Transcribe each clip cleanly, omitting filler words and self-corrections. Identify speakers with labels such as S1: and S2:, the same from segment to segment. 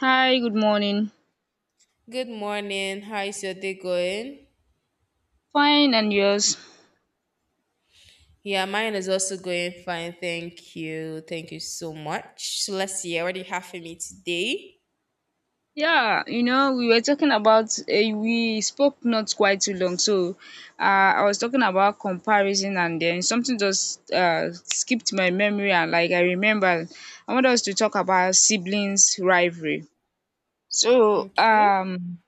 S1: Hi, good morning.
S2: Good morning. How is your day going?
S1: Fine, and yours?
S2: Yeah, mine is also going fine. Thank you. Thank you so much. So let's see. I already have for me today.
S1: We were talking about, we spoke not quite too long. Uh, I was talking about comparison, and then something just skipped my memory, and like I remember, I want us to talk about siblings' rivalry. So,
S2: Okay.
S1: um,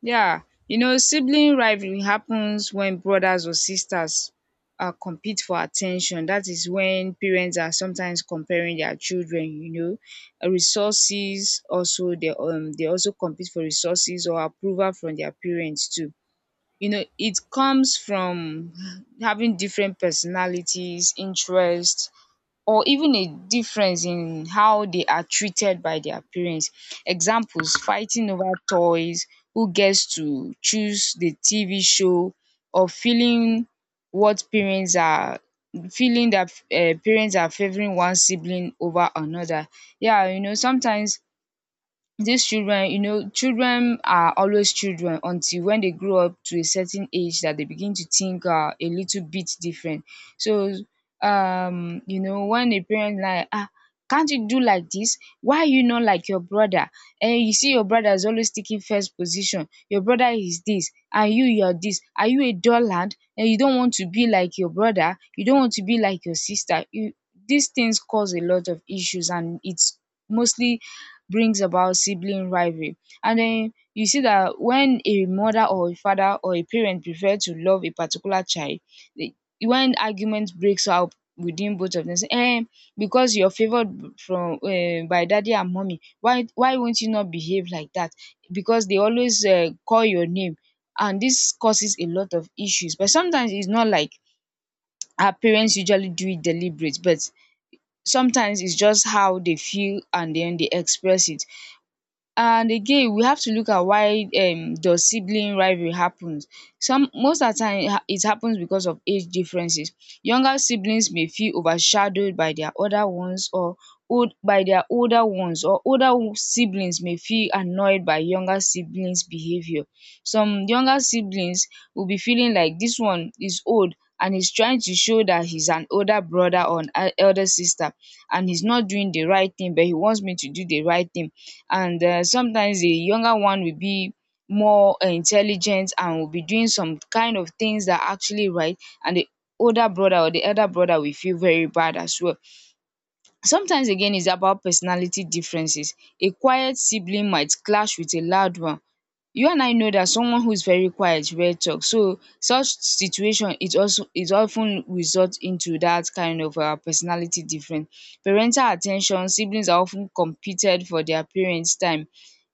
S1: Yeah, sibling rivalry happens when brothers or sisters compete for attention. That is when parents are sometimes comparing their children, resources, also they also compete for resources or approval from their parents too. You know, it comes from having different personalities, interests, or even a difference in how they are treated by their parents. Examples, fighting over toys, who gets to choose the TV show, or feeling what parents are feeling, that parents are favoring one sibling over another. Sometimes these children, children are always children until when they grow up to a certain age that they begin to think a little bit different. So you know, when a parent like, ah, can't you do like this, why are you not like your brother, and you see your brother is always taking first position, your brother is this and you're this, are you a doorland, and you don't want to be like your brother, you don't want to be like your sister, you, these things cause a lot of issues and it's mostly brings about sibling rivalry. And then you see that when a mother or a father or a parent prefer to love a particular child, the- when argument breaks out within both of them, say because you're favored b- from by daddy and mommy, why won't you not behave like that, because they always call your name. And this causes a lot of issues, but sometimes it's not like our parents usually do it deliberate, but sometimes it's just how they feel and then they express it. And again, we have to look at why does sibling rivalry happens. Some most at time it it happens because of age differences. Younger siblings may feel overshadowed by their other ones or old by their older ones, or older siblings may feel annoyed by younger siblings behavior. Some younger siblings will be feeling like this one is old and he's trying to show that he's an older brother or an elder sister, and he's not doing the right thing but he wants me to do the right thing. And sometimes the younger one will be more intelligent and will be doing some kind of things that are actually right, and the older brother or the elder brother will feel very bad as well. Sometimes again is about personality differences, a quiet sibling might clash with a loud one. You and I know that someone who is very quiet rare talk, so such situation it also it often result into that kind of personality difference. Parental attention, siblings are often competed for their parents time.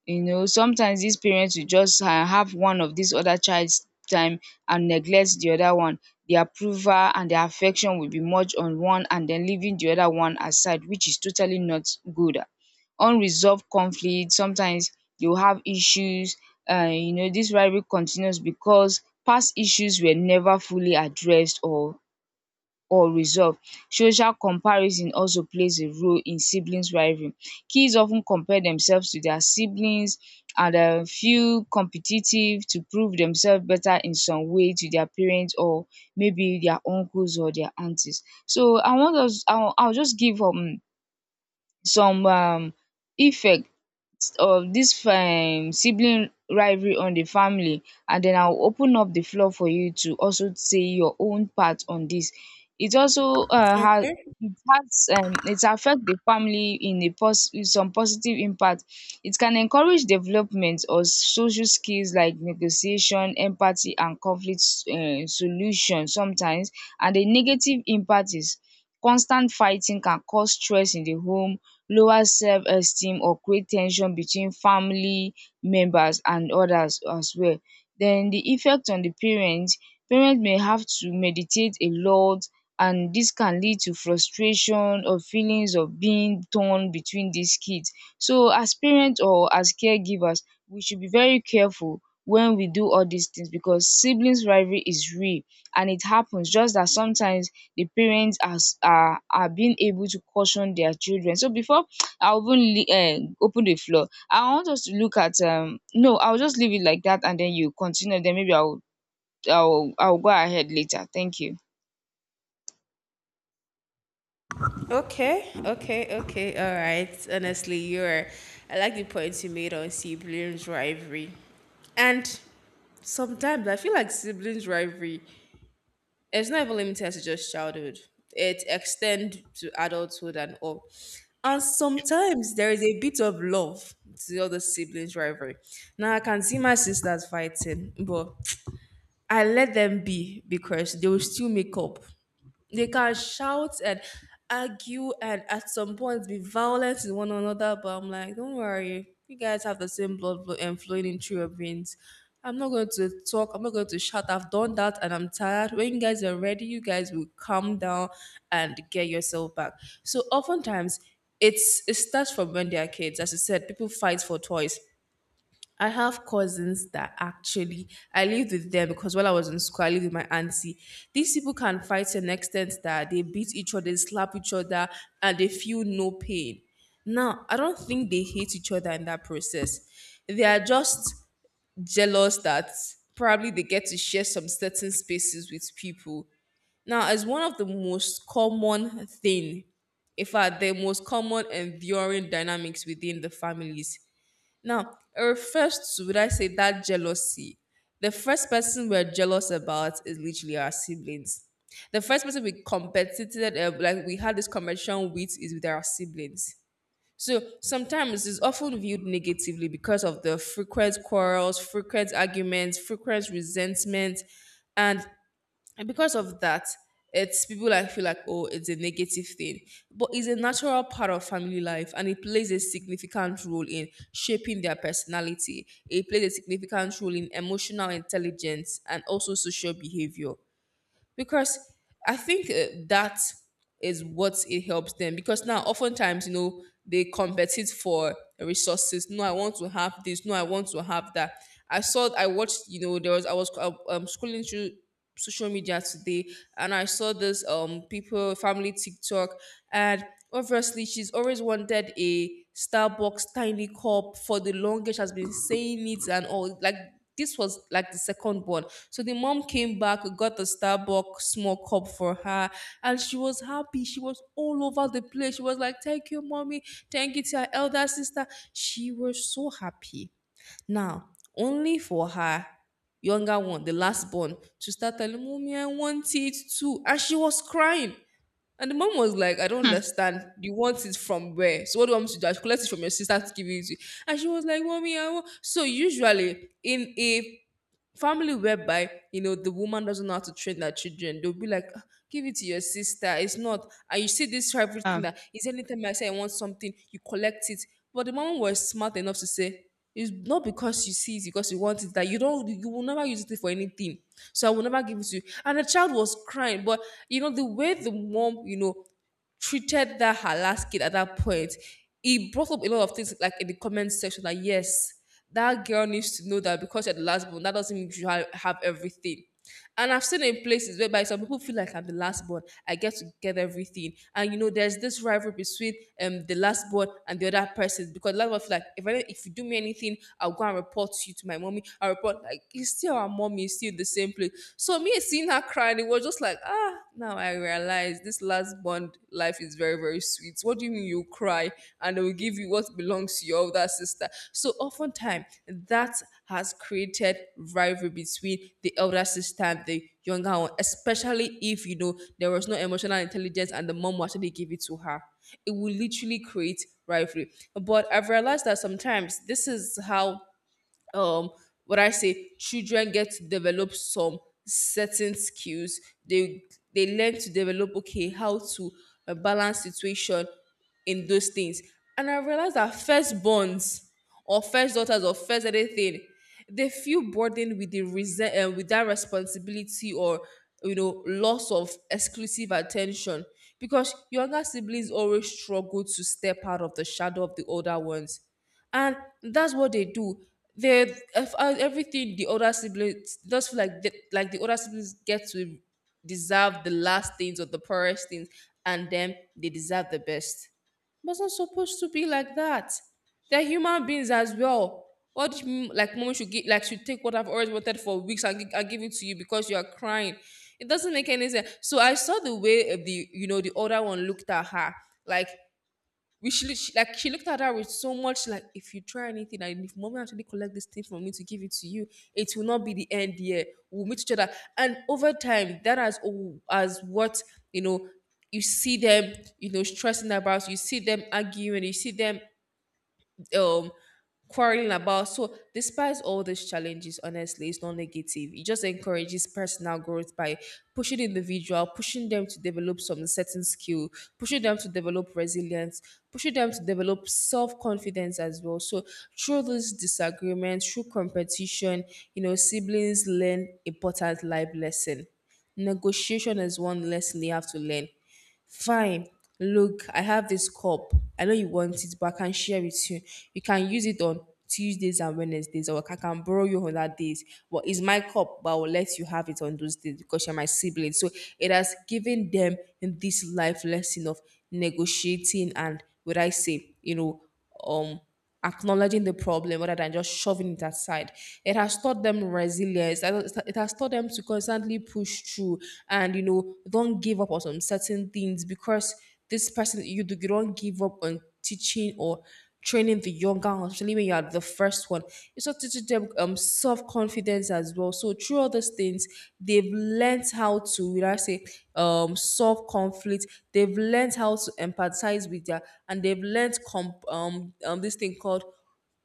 S1: You know, sometimes these parents will just have one of this other childs time and neglect the other one. The approval and the affection will be much on one and then leaving the other one aside, which is totally not good. Unresolved conflict, sometimes you have issues, this rivalry continues because past issues were never fully addressed or resolved. Social comparison also plays a role in siblings rivalry. Kids often compare themselves to their siblings and feel competitive to prove themselves better in some way to their parents, or maybe their uncles or their aunties. So I want us, I'll just give some effect of this sibling rivalry on the family, and then I'll open up the floor for you to also say your own part on this. It also has
S2: Okay.
S1: it has, it affect the family in a in some positive impact. It can encourage development of social skills like negotiation, empathy, and conflict, solution sometimes. And the negative impact is constant fighting can cause stress in the home, lower self-esteem, or create ten sion between family members and others as well. Then the effect on the parents. Parents may have to meditate a lot, and this can lead to frustration or feelings of being torn between these kids. So as parents or as caregivers, we should be very careful when we do all these things, because siblings rivalry is real and it happens, just that sometimes the parents as are being able to caution their children. So before I even open the floor, I want us to look at no, I'll just leave it like that and then you continue, then maybe I'll go ahead later. Thank you.
S2: Okay. Okay. Okay. All right. Honestly, you're. I like the points you made on siblings rivalry, and sometimes I feel like siblings rivalry it's not even limited to just childhood. It extends to adulthood and all. And sometimes there is a bit of love to the other siblings' rivalry. Now I can see my sisters fighting, but I let them be because they will still make up. They can shout and argue and at some point be violent to one another, but I'm like, don't worry, you guys have the same blood flow and flowing in through your veins. I'm not going to talk, I'm not going to shout. I've done that and I'm tired. When you guys are ready, you guys will calm down and get yourself back. So oftentimes it starts from when they are kids. As you said, people fight for toys. I have cousins that actually, I lived with them because while I was in school, I lived with my auntie. These people can fight to an extent that they beat each other, they slap each other, and they feel no pain. Now, I don't think they hate each other in that process. They are just jealous that probably they get to share some certain spaces with people. Now, as one of the most common thing, in fact, the most common enduring dynamics within the families. Now, it refers to, would I say, that jealousy. The first person we're jealous about is literally our siblings. The first person we competed, like we had this competition with, is with our siblings. So sometimes it's often viewed negatively because of the frequent quarrels, frequent arguments, frequent resentment, and because of that it's people like feel like, oh, it's a negative thing, but it's a natural part of family life and it plays a significant role in shaping their personality. It plays a significant role in emotional intelligence and also social behavior because I think that is what it helps them because now oftentimes you know they compete for resources. No, I want to have this. No, I want to have that. I watched, you know, there was, I was scrolling through social media today and I saw this people family TikTok, and obviously she's always wanted a Starbucks tiny cup for the longest, has been saying it and all. Like this was like the second one, so the mom came back, got a Starbucks small cup for her, and she was happy. She was all over the place. She was like, thank you, mommy. Thank you to her elder sister. She was so happy. Now, only for her younger one, the last born, to start telling mommy, I want it too. And she was crying. And the mom was like, I don't understand. You want it from where? So what do you want me to do? I should collect it from your sister to give it to you? And she was like, mommy, I want. So usually in a family whereby you know the woman doesn't know how to train their children, they'll be like, "Ah, give it to your sister," it's not, and you see this rivalry thing that is anytime I say I want something, you collect it. But the mom was smart enough to say, it's not because you see it, because you want it, that you don't, you will never use it for anything, so I will never give it to you. And the child was crying, but you know the way the mom, you know, treated that her last kid at that point, he brought up a lot of things like in the comment section. Like yes, that girl needs to know that because you're the last born, that doesn't mean you have everything. And I've seen in places whereby some people feel like, I'm the last born, I get to get everything. And you know, there's this rivalry between the last born and the other person because a lot of us feel like if I, if you do me anything, I'll go and report you to my mommy. I report like, it's still our mommy, it's still in the same place. So me seeing her crying, it was just like, ah, now I realize this last born life is very, very sweet. What do you mean you cry and they will give you what belongs to your older sister? So oftentimes that has created rivalry between the elder sister and the younger one, especially if you know there was no emotional intelligence and the mom will actually give it to her. It will literally create rivalry. But I've realized that sometimes this is how um what I say, children get to develop some certain skills. They learn to develop, okay, how to balance situation in those things. And I realized that firstborns or first daughters or first anything, they feel burdened with the resent with that responsibility or you know loss of exclusive attention because younger siblings always struggle to step out of the shadow of the older ones. And that's what they do. They, everything the older siblings just feel like like the older siblings get to deserve the last things or the poorest things, and then they deserve the best. But it's not supposed to be like that. They're human beings as well. What do you mean, like mommy should get like should take what I've always wanted for weeks and I give it to you because you are crying? It doesn't make any sense. So I saw the way the, you know, the older one looked at her, like, she, like she looked at her with so much, like, if you try anything and if mommy actually collect this thing from me to give it to you, it will not be the end here. We'll meet each other. And over time, that has, as what, you know, you see them, you know, stressing about, you see them arguing, you see them um quarreling about. So despite all these challenges, honestly, it's not negative. It just encourages personal growth by pushing individual, pushing them to develop some certain skill, pushing them to develop resilience, pushing them to develop self-confidence as well. So through this disagreement, through competition, you know, siblings learn important life lesson. Negotiation is one lesson they have to learn. Fine. Look, I have this cup. I know you want it, but I can share with you. You can use it on Tuesdays and Wednesdays, or I can borrow you on that days. But it's my cup, but I will let you have it on those days because you're my sibling. So it has given them this life lesson of negotiating and, would I say, you know, um acknowledging the problem rather than just shoving it aside. It has taught them resilience. It has taught them to constantly push through and, you know, don't give up on some certain things because this person you do you don't give up on teaching or training the younger, especially when you are the first one. It's also teaching them self confidence as well. So through all these things, they've learned how to, would I say, solve conflict. They've learned how to empathize with their, and they've learned this thing called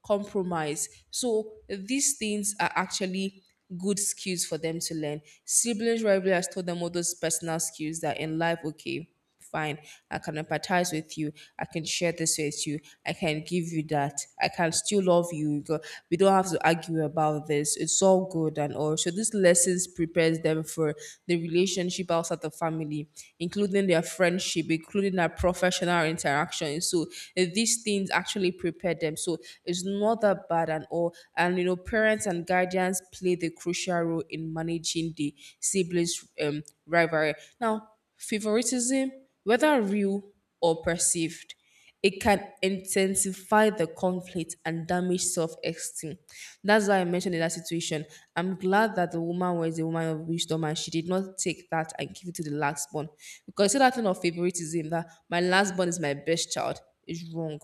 S2: compromise. So these things are actually good skills for them to learn. Siblings rivalry has taught them all those personal skills that in life, okay, fine, I can empathize with you, I can share this with you, I can give you that, I can still love you. We don't have to argue about this. It's all good and all. So these lessons prepares them for the relationship outside the family, including their friendship, including their professional interactions. So these things actually prepare them. So it's not that bad at all. And you know, parents and guardians play the crucial role in managing the siblings' rivalry. Now, favoritism, whether real or perceived, it can intensify the conflict and damage self-esteem. That's why I mentioned in that situation. I'm glad that the woman was a woman of wisdom and she did not take that and give it to the last born. Because you see that thing of favoritism that my last born is my best child is wrong.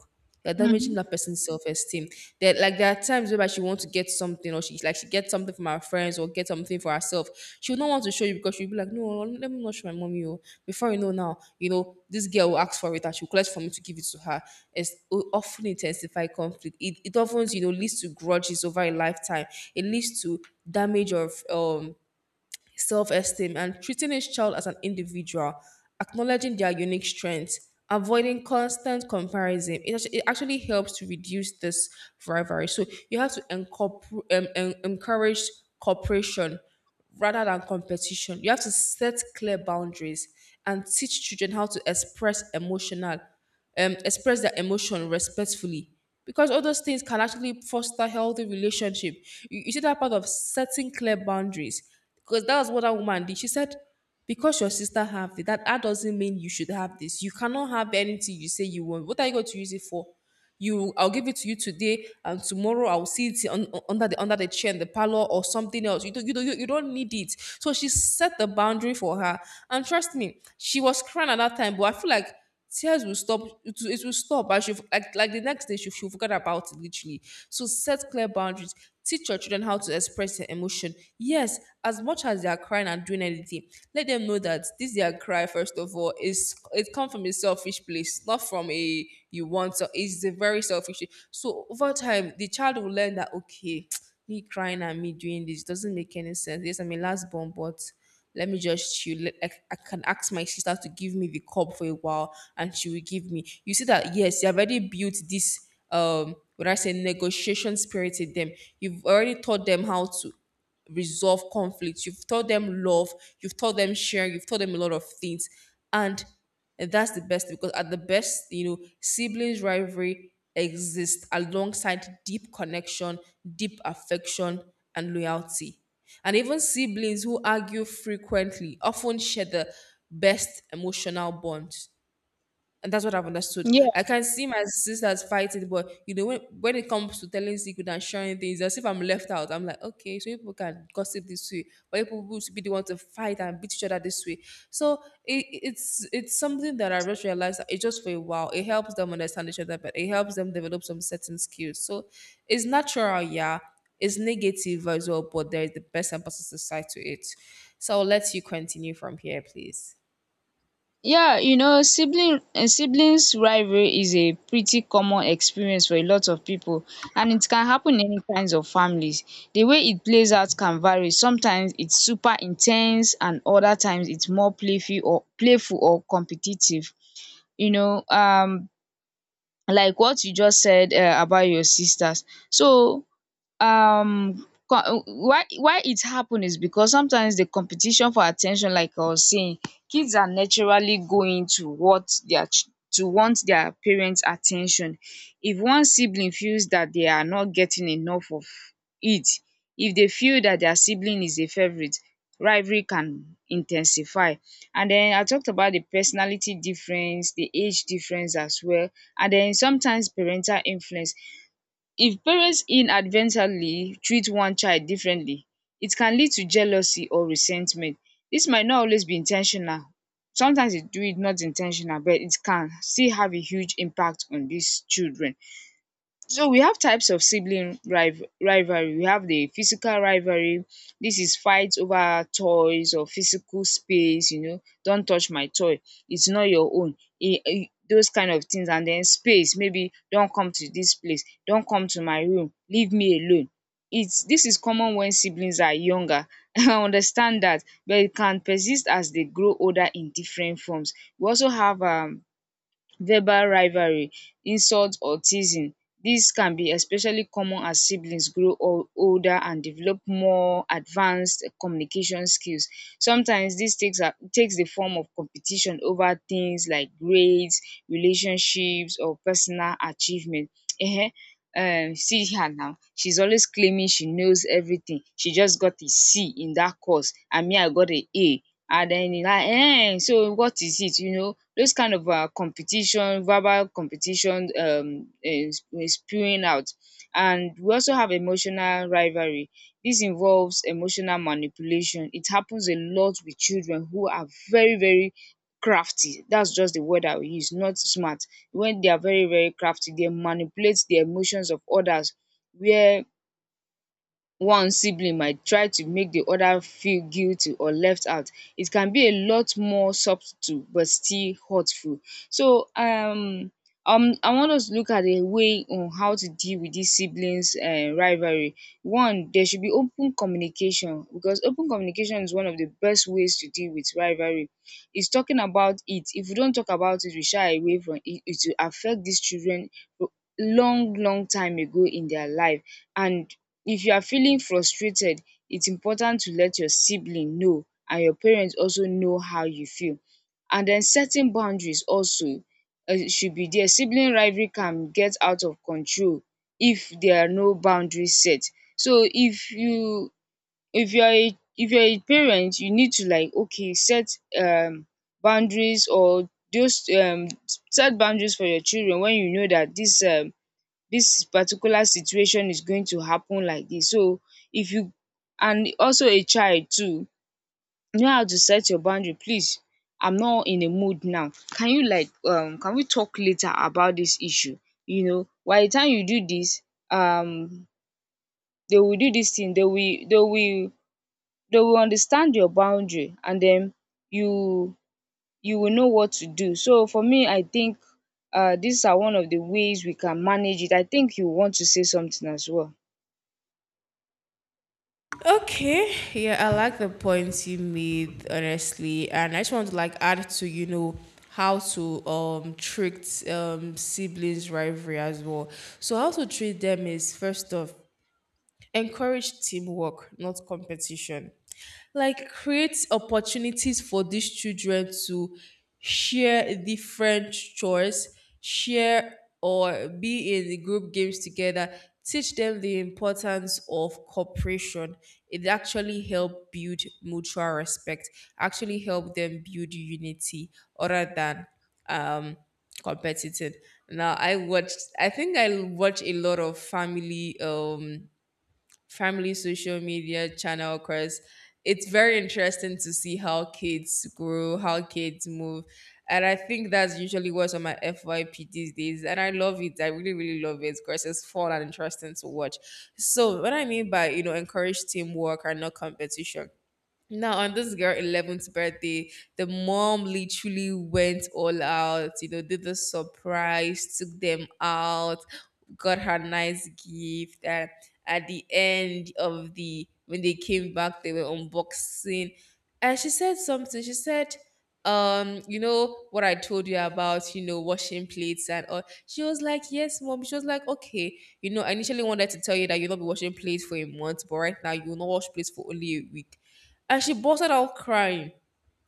S2: You're damaging
S1: Mm-hmm.
S2: that person's self-esteem. That, like, there are times where she wants to get something or she gets something from her friends or get something for herself. She would not want to show you because she'll be like, no, let me not show my mommy. Oh, before you know now, you know this girl will ask for it and she'll collect from you to give it to her. It will often intensify conflict. It often leads to grudges over a lifetime. It leads to damage of self esteem, and treating each child as an individual, acknowledging their unique strengths, avoiding constant comparison. It actually helps to reduce this rivalry. So you have to encourage cooperation rather than competition. You have to set clear boundaries and teach children how to express their emotion respectfully, because all those things can actually foster healthy relationship. You see that part of setting clear boundaries, because that was what that woman did. She said, because your sister have it, that doesn't mean you should have this. You cannot have anything you say you want. What are you going to use it for? I'll give it to you today, and tomorrow I'll see it under the chair in the parlor or something else. You don't need it. So she set the boundary for her, and trust me, she was crying at that time. But I feel like tears will stop. It will stop. I should like the next day she forgot about it literally. So set clear boundaries. Teach your children how to express their emotion. Yes, as much as they are crying and doing anything, let them know that this their cry, first of all, is it comes from a selfish place, not from a you want. So it's a very selfish. So over time, the child will learn that, okay, me crying and me doing this doesn't make any sense. Yes, I'm a last born, but let me just chill. I can ask my sister to give me the cup for a while, and she will give me. You see that? Yes, you have already built this. When I say negotiation spirit in them, you've already taught them how to resolve conflicts. You've taught them love. You've taught them sharing. You've taught them a lot of things, and that's the best, because at the best, you know, siblings rivalry exists alongside deep connection, deep affection, and loyalty. And even siblings who argue frequently often share the best emotional bonds. And that's what I've understood. I
S1: Yeah,
S2: can see my sisters fighting, but you know, when it comes to telling secret and sharing things, as if I'm left out, I'm like, okay, so people can gossip this way, but people who should be the one to fight and beat each other this way. So it's something that I just realized that it's just for a while. It helps them understand each other, but it helps them develop some certain skills. So it's natural, yeah. It's negative as well, but there is the best and positive side to it. So I'll let you continue from here, please.
S1: yeah you know, siblings rivalry is a pretty common experience for a lot of people, and it can happen in any kinds of families. The way it plays out can vary, sometimes its super intense, and other times its more playful or competitive. you know um like what you just said about your sisters. So why it happen is because sometimes the competition for attention, like I was saying, kids are naturally going to what their to want their parents attention. If one sibling feels that they are not getting enough of it, if they feel that their sibling is a favourite, rivalry can intensify. And then I talked about the personality difference, the age difference as well. And then sometimes parental influence, if parents inadvertently treat one child differently, it can lead to jealousy or resentment. This might not always be intentional. Sometimes they do it not intentional, but it can still have a huge impact on these children. So we have types of rivalry. We have the physical rivalry. This is fights over toys or physical space. You know, don't touch my toy, it's not your own. Those kind of things. And then space. Maybe don't come to this place, don't come to my room, leave me alone. It's this is common when siblings are younger. I understand that, but it can persist as they grow older in different forms. We also have verbal rivalry, insult or teasing. Dis can be especially common as siblings grow older and develop more advanced communication skills. Sometimes this takes are takes the form of competition over things like grades, relationships, or personal achievement. um See her now, she's always claiming she knows everything, she just got a C in that course and me I got a A, and then so what is it, you know, those kind of competition, verbal competition, spewing out. And we also have emotional rivalry. This involves emotional manipulation. It happens a lot with children who are very, very crafty. That's just the word I will use, not smart. When they are very, very crafty, they manipulate the emotions of others, where one sibling might try to make the other feel guilty or left out. It can be a lot more subtle but still hurtful. So I want us to look at a way on how to deal with these siblings rivalry. One, there should be open communication, because open communication is one of the best ways to deal with rivalry. Is talking about it. If we don't talk about it, we shy away from it, it will affect these children long long time ago in their life. And if you are feeling frustrated, it's important to let your sibling know and your parents also know how you feel. And then setting boundaries also should be there. Sibling rivalry can get out of control if there are no boundaries set. So if you are a if you are a parent, you need to like okay set boundaries, or just set boundaries for your children when you know that this. This particular situation is going to happen like this. So if you, and also a child too, know how to set your boundary. Please, I'm not in a mood now. Can you like can we talk later about this issue? You know, by the time you do this, um they will do this thing, they will understand your boundary, and then you you will know what to do. So for me, I think these are one of the ways we can manage it. I think you want to say something as well.
S2: Okay, yeah, I like the points you made, honestly, and I just want to like add to you know how to treat siblings rivalry as well. So how to treat them is first off, encourage teamwork not competition. Like create opportunities for these children to share different chores, share or be in the group games together. Teach them the importance of cooperation. It actually help build mutual respect, actually help them build unity, other than um competitive. Now i watched i think i watch a lot of family family social media channel, because it's very interesting to see how kids grow, how kids move. And I think that's usually what's on my FYP these days. And I love it. I really, really love it because it's fun and interesting to watch. So what I mean by, you know, encourage teamwork and not competition. Now, on this girl 11th birthday, the mom literally went all out, you know, did the surprise, took them out, got her nice gift. And at the end of the when they came back, they were unboxing, and she said something. She said, you know what I told you about, you know, washing plates and all. She was like, yes, mom. She was like, okay, you know, I initially wanted to tell you that you'll not be washing plates for a month, but right now you will not wash plates for only a week. And she busted out crying.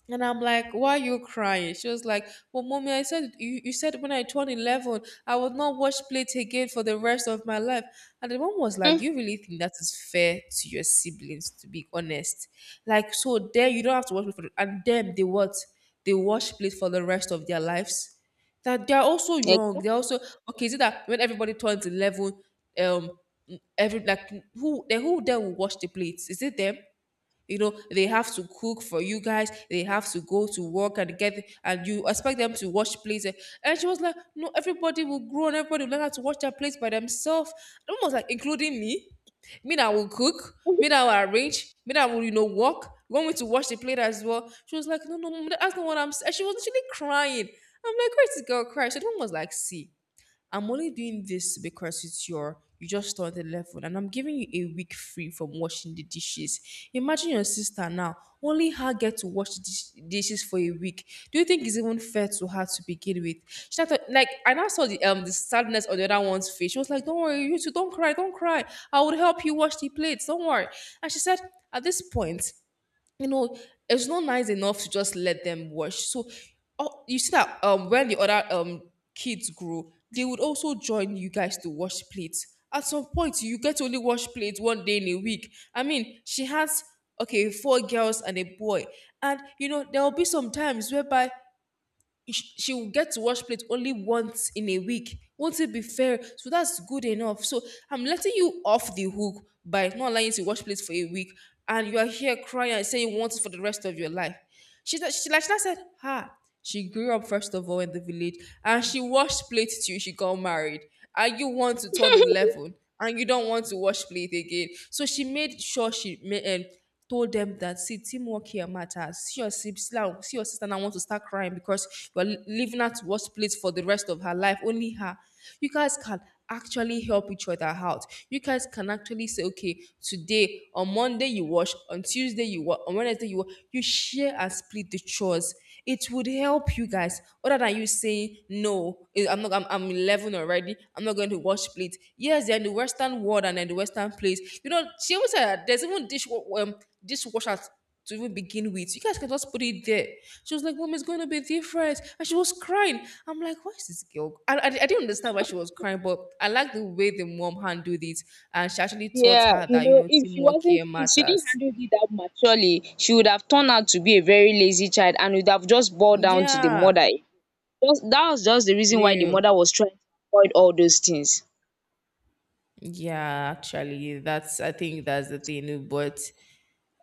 S2: And I'm like, why are you crying? She was like, well, mommy, I said, you said when I turned 11, I would not watch Plate again for the rest of my life. And the mom was like,
S1: Mm.
S2: do you really think that is fair to your siblings, to be honest? Like, so there, you don't have to watch Plate for the, and them, they what? They watch Plate for the rest of their lives. That they're also young.
S1: Exactly.
S2: They're also, okay, is it that when everybody turns 11, um, every, like, who then will watch the plates? Is it them? You know, they have to cook for you guys. They have to go to work and get, and you expect them to wash plates. And she was like, no, everybody will grow and everybody will learn how to wash their plates by themselves. Almost like including me. Me that will cook. Me that will arrange. Me that will, you know, work. You want me to wash the plate as well? She was like, no, no, no, that's not what I'm saying. She was actually crying. I'm like, where this girl cry? She was like, see. I'm only doing this because it's your you just started level, and I'm giving you a week free from washing the dishes. Imagine your sister now, only her get to wash the dishes for a week. Do you think it's even fair to her to begin with? She started, like I now saw the sadness on the other one's face. She was like, don't worry, you two, don't cry, don't cry. I will help you wash the plates, don't worry. And she said, at this point, you know, it's not nice enough to just let them watch. So, oh, you see that when the other kids grow, they would also join you guys to wash plates. At some point, you get to only wash plates one day in a week. I mean, she has okay four girls and a boy, and you know there will be some times whereby she will get to wash plate only once in a week. Won't it be fair? So that's good enough. So I'm letting you off the hook by not allowing you to wash plates for a week, and you are here crying and saying you want it for the rest of your life. She she said, ha. She grew up first of all in the village, and she washed plates till she got married. And you want to turn 11, and you don't want to wash plate again. So she made sure she made told them that, see teamwork here matters. See your sister now want to start crying because you're living at worst place for the rest of her life. Only her. You guys can actually help each other out. You guys can actually say, okay, today on Monday you wash, on Tuesday you wash, on Wednesday you wash. You share and split the chores. It would help you guys other than you saying no. I'm not. I'm 11 already. I'm not going to wash plate. Yes, they're in the Western world and in the Western place. You know, she even said that there's even um dishwashers to even begin with. You guys can just put it there. She was like, mom, it's going to be different. And she was crying. I'm like, why is this girl? I didn't understand why she was crying, but I like the way the mom handled it. And she actually taught
S1: Yeah,
S2: her
S1: you
S2: that, you
S1: know,
S2: know, teamwork here
S1: if she didn't
S2: matters.
S1: handle it that maturely, she would have turned out to be a very lazy child and would have just boiled down to the
S2: Yeah,
S1: mother. Just that was just the reason why the
S2: real.
S1: mother was trying to avoid all those things.
S2: Yeah, actually, that's I think that's the thing. But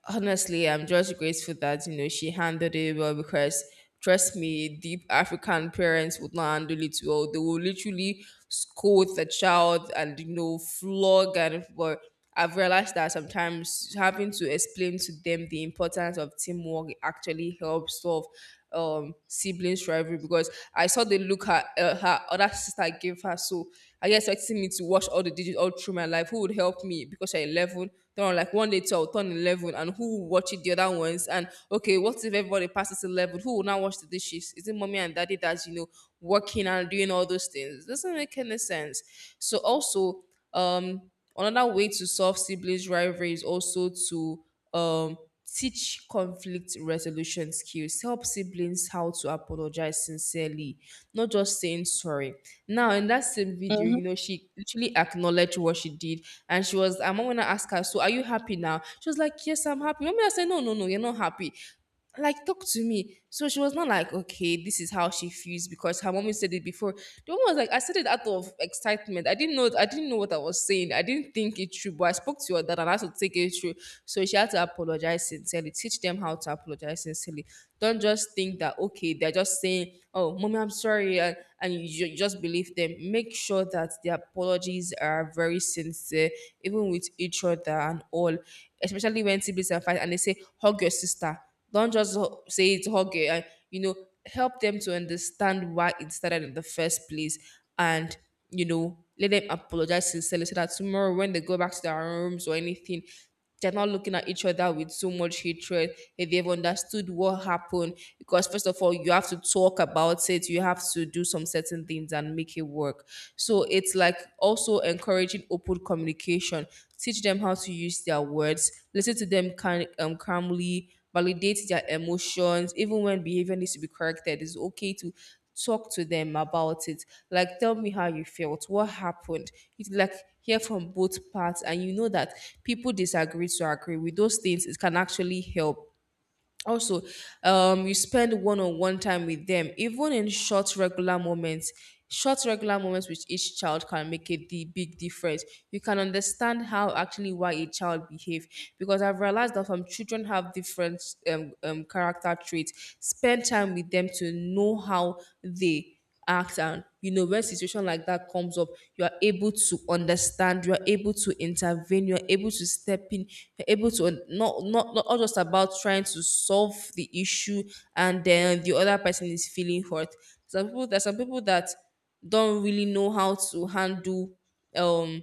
S2: honestly, I'm just grateful that you know she handled it well, because trust me, deep African parents would not handle it well. They will literally scold the child and you know flog and but I've realized that sometimes having to explain to them the importance of teamwork actually helps solve siblings rivalry, because I saw the look her her other sister gave her. So I guess expecting me to watch all the digits all through my life. Who would help me because I'm 11? Then I'm like one day till I'll turn 11 and who will watch it the other ones? And okay, what if everybody passes 11? Who will now watch the dishes? Is it mommy and daddy that's working and doing all those things? Doesn't make any sense. So also, um, another way to solve siblings rivalry is also to um teach conflict resolution skills, help siblings how to apologize sincerely, not just saying sorry. Now in that same video, you
S1: Mm-hmm.
S2: know she literally acknowledged what she did, and she was, I'm gonna ask her, so are you happy now? She was like, yes, I'm happy. Remember I said, no, you're not happy, like talk to me. So she was not like okay, this is how she feels, because her mommy said it before. The woman was like, I said it out of excitement, I didn't know what I was saying, I didn't think it through, but I spoke to your dad and I had to take it through. So she had to apologize sincerely. Teach them how to apologize sincerely. Don't just think that okay, they're just saying, oh mommy I'm sorry, and you just believe them. Make sure that the apologies are very sincere, even with each other and all. Especially when siblings are fighting and they say, hug your sister, don't just say it, hug it. Help them to understand why it started in the first place. And, Let them apologize sincerely, so that tomorrow when they go back to their rooms or anything, they're not looking at each other with so much hatred. If they've understood what happened, because first of all you have to talk about it, you have to do some certain things and make it work. So it's like also encouraging open communication. Teach them how to use their words, listen to them, kind calmly validate their emotions, even when behavior needs to be corrected. It's okay to talk to them about it. Like, tell me how you felt, what happened. It's like hear from both parts, and you know that people disagree to agree with those things. It can actually help. Also, you spend one-on-one time with them, even in short regular moments. Short regular moments with each child can make a the big difference. You can understand how actually why a child behave, because I've realized that some children have different character traits. Spend time with them to know how they act, and you know when situation like that comes up, you are able to understand, you are able to intervene, you are able to step in. You're able to not just about trying to solve the issue and then the other person is feeling hurt. Some people, there's some people that don't really know how to handle, um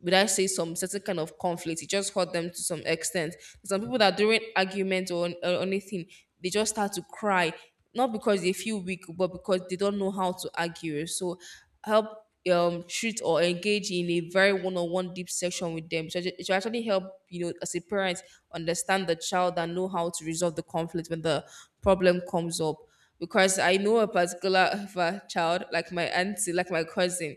S2: would I say, some certain kind of conflict. It just hurt them to some extent. Some people that during argument or anything, they just start to cry, not because they feel weak, but because they don't know how to argue. So help, treat or engage in a very one-on-one deep session with them. So it should actually help, you know, as a parent understand the child and know how to resolve the conflict when the problem comes up. Because I know a particular child, like my auntie, like my cousin.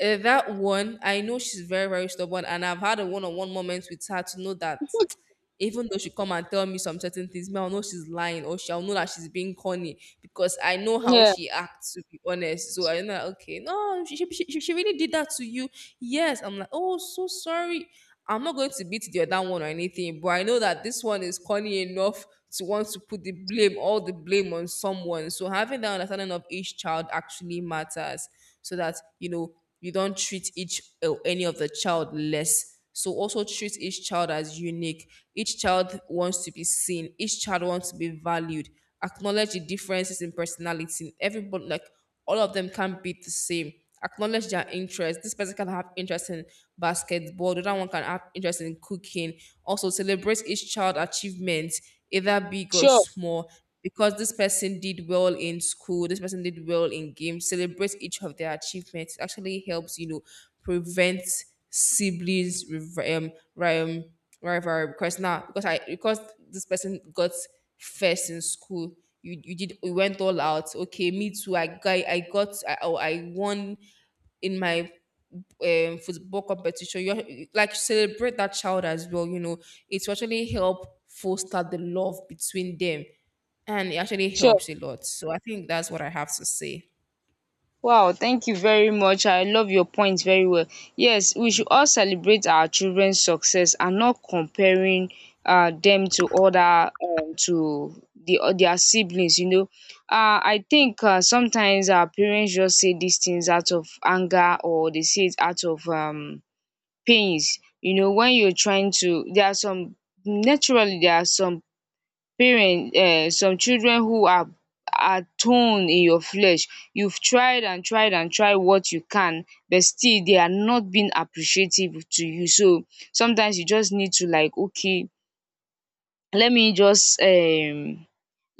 S2: That one, I know she's very, very stubborn, and I've had a one-on-one moment with her to know that even though she come and tell me some certain things, me I'll know she's lying, or she'll know that she's being corny, because I know how
S1: Yeah,
S2: she acts. To be honest, so I know that, okay, no, she she really did that to you. Yes, I'm like, oh, so sorry. I'm not going to beat the other one or anything, but I know that this one is corny enough to want to put the blame, all the blame on someone. So having that understanding of each child actually matters, so that you know you don't treat each or any of the child less. So also treat each child as unique. Each child wants to be seen, each child wants to be valued. Acknowledge the differences in personality, everybody, like all of them can't be the same. Acknowledge their interest. This person can have interest in basketball, the other one can have interest in cooking. Also celebrate each child achievements, either big or
S1: sure,
S2: small, because this person did well in school, this person did well in games. Celebrate each of their achievements. It actually helps, you know, prevent siblings rivalry. Because now, because this person got first in school. You did you went all out, okay me too, oh, I won in my football competition. You like celebrate that child as well. You know, it will actually help foster the love between them, and it actually
S1: sure.
S2: helps a lot. So I think that's what I have to say.
S1: Wow, thank you very much. I love your point very well. Yes, we should all celebrate our children's success and not comparing them to other to the their siblings. I think sometimes our parents just say these things out of anger, or they say it out of pains. You know, when you're trying to, there are some naturally there are some parent some children who are thorn in your flesh, you've tried and tried and tried what you can, but still they are not being appreciative to you. So sometimes you just need to like okay, let me just um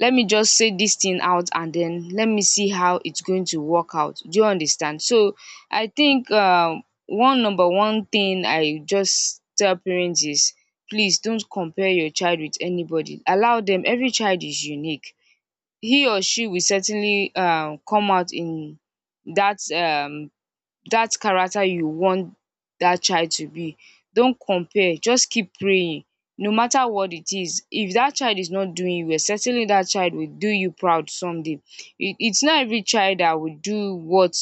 S1: let me just say this thing out and then let me see how it's going to work out, do you understand. So I think one number one thing I just tell parents is, please don't compare your child with anybody, allow them, every child is unique. He or she will certainly come out in that um that character you want that child to be. Don't compare, just keep praying. No matter what it is, if that child is not doing you well, certainly that child will do you proud someday. It's not every child that will do what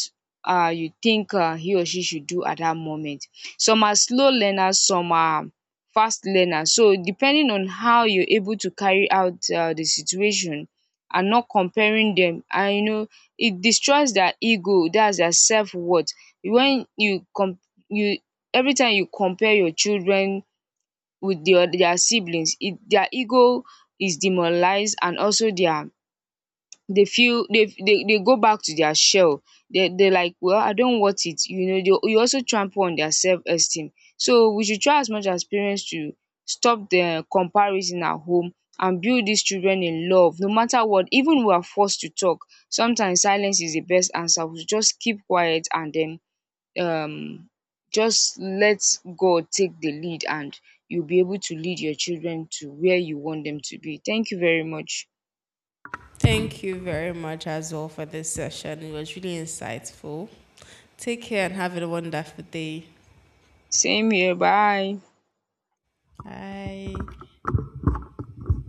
S1: you think he or she should do at that moment. Some are slow learners, some are fast learners. So, depending on how you're able to carry out the situation and not comparing them, and you know, it destroys their ego, that's their self worth. When you com you every time you compare your children with their siblings, it their ego is demoralized, and also their, they feel they go back to their shell. They like well I don't want it, you know, they you also trample on their self esteem. So we should try as much as parents to stop the comparison at home, and build these children in love no matter what. Even we are forced to talk, sometimes silence is the best answer, we should just keep quiet and then um just let God take the lead, and you'll be able to lead your children to where you want them to be. Thank you very much.
S2: Thank you very much as well for this session. It was really insightful. Take care and have a wonderful day.
S1: Same here. Bye.
S2: Bye.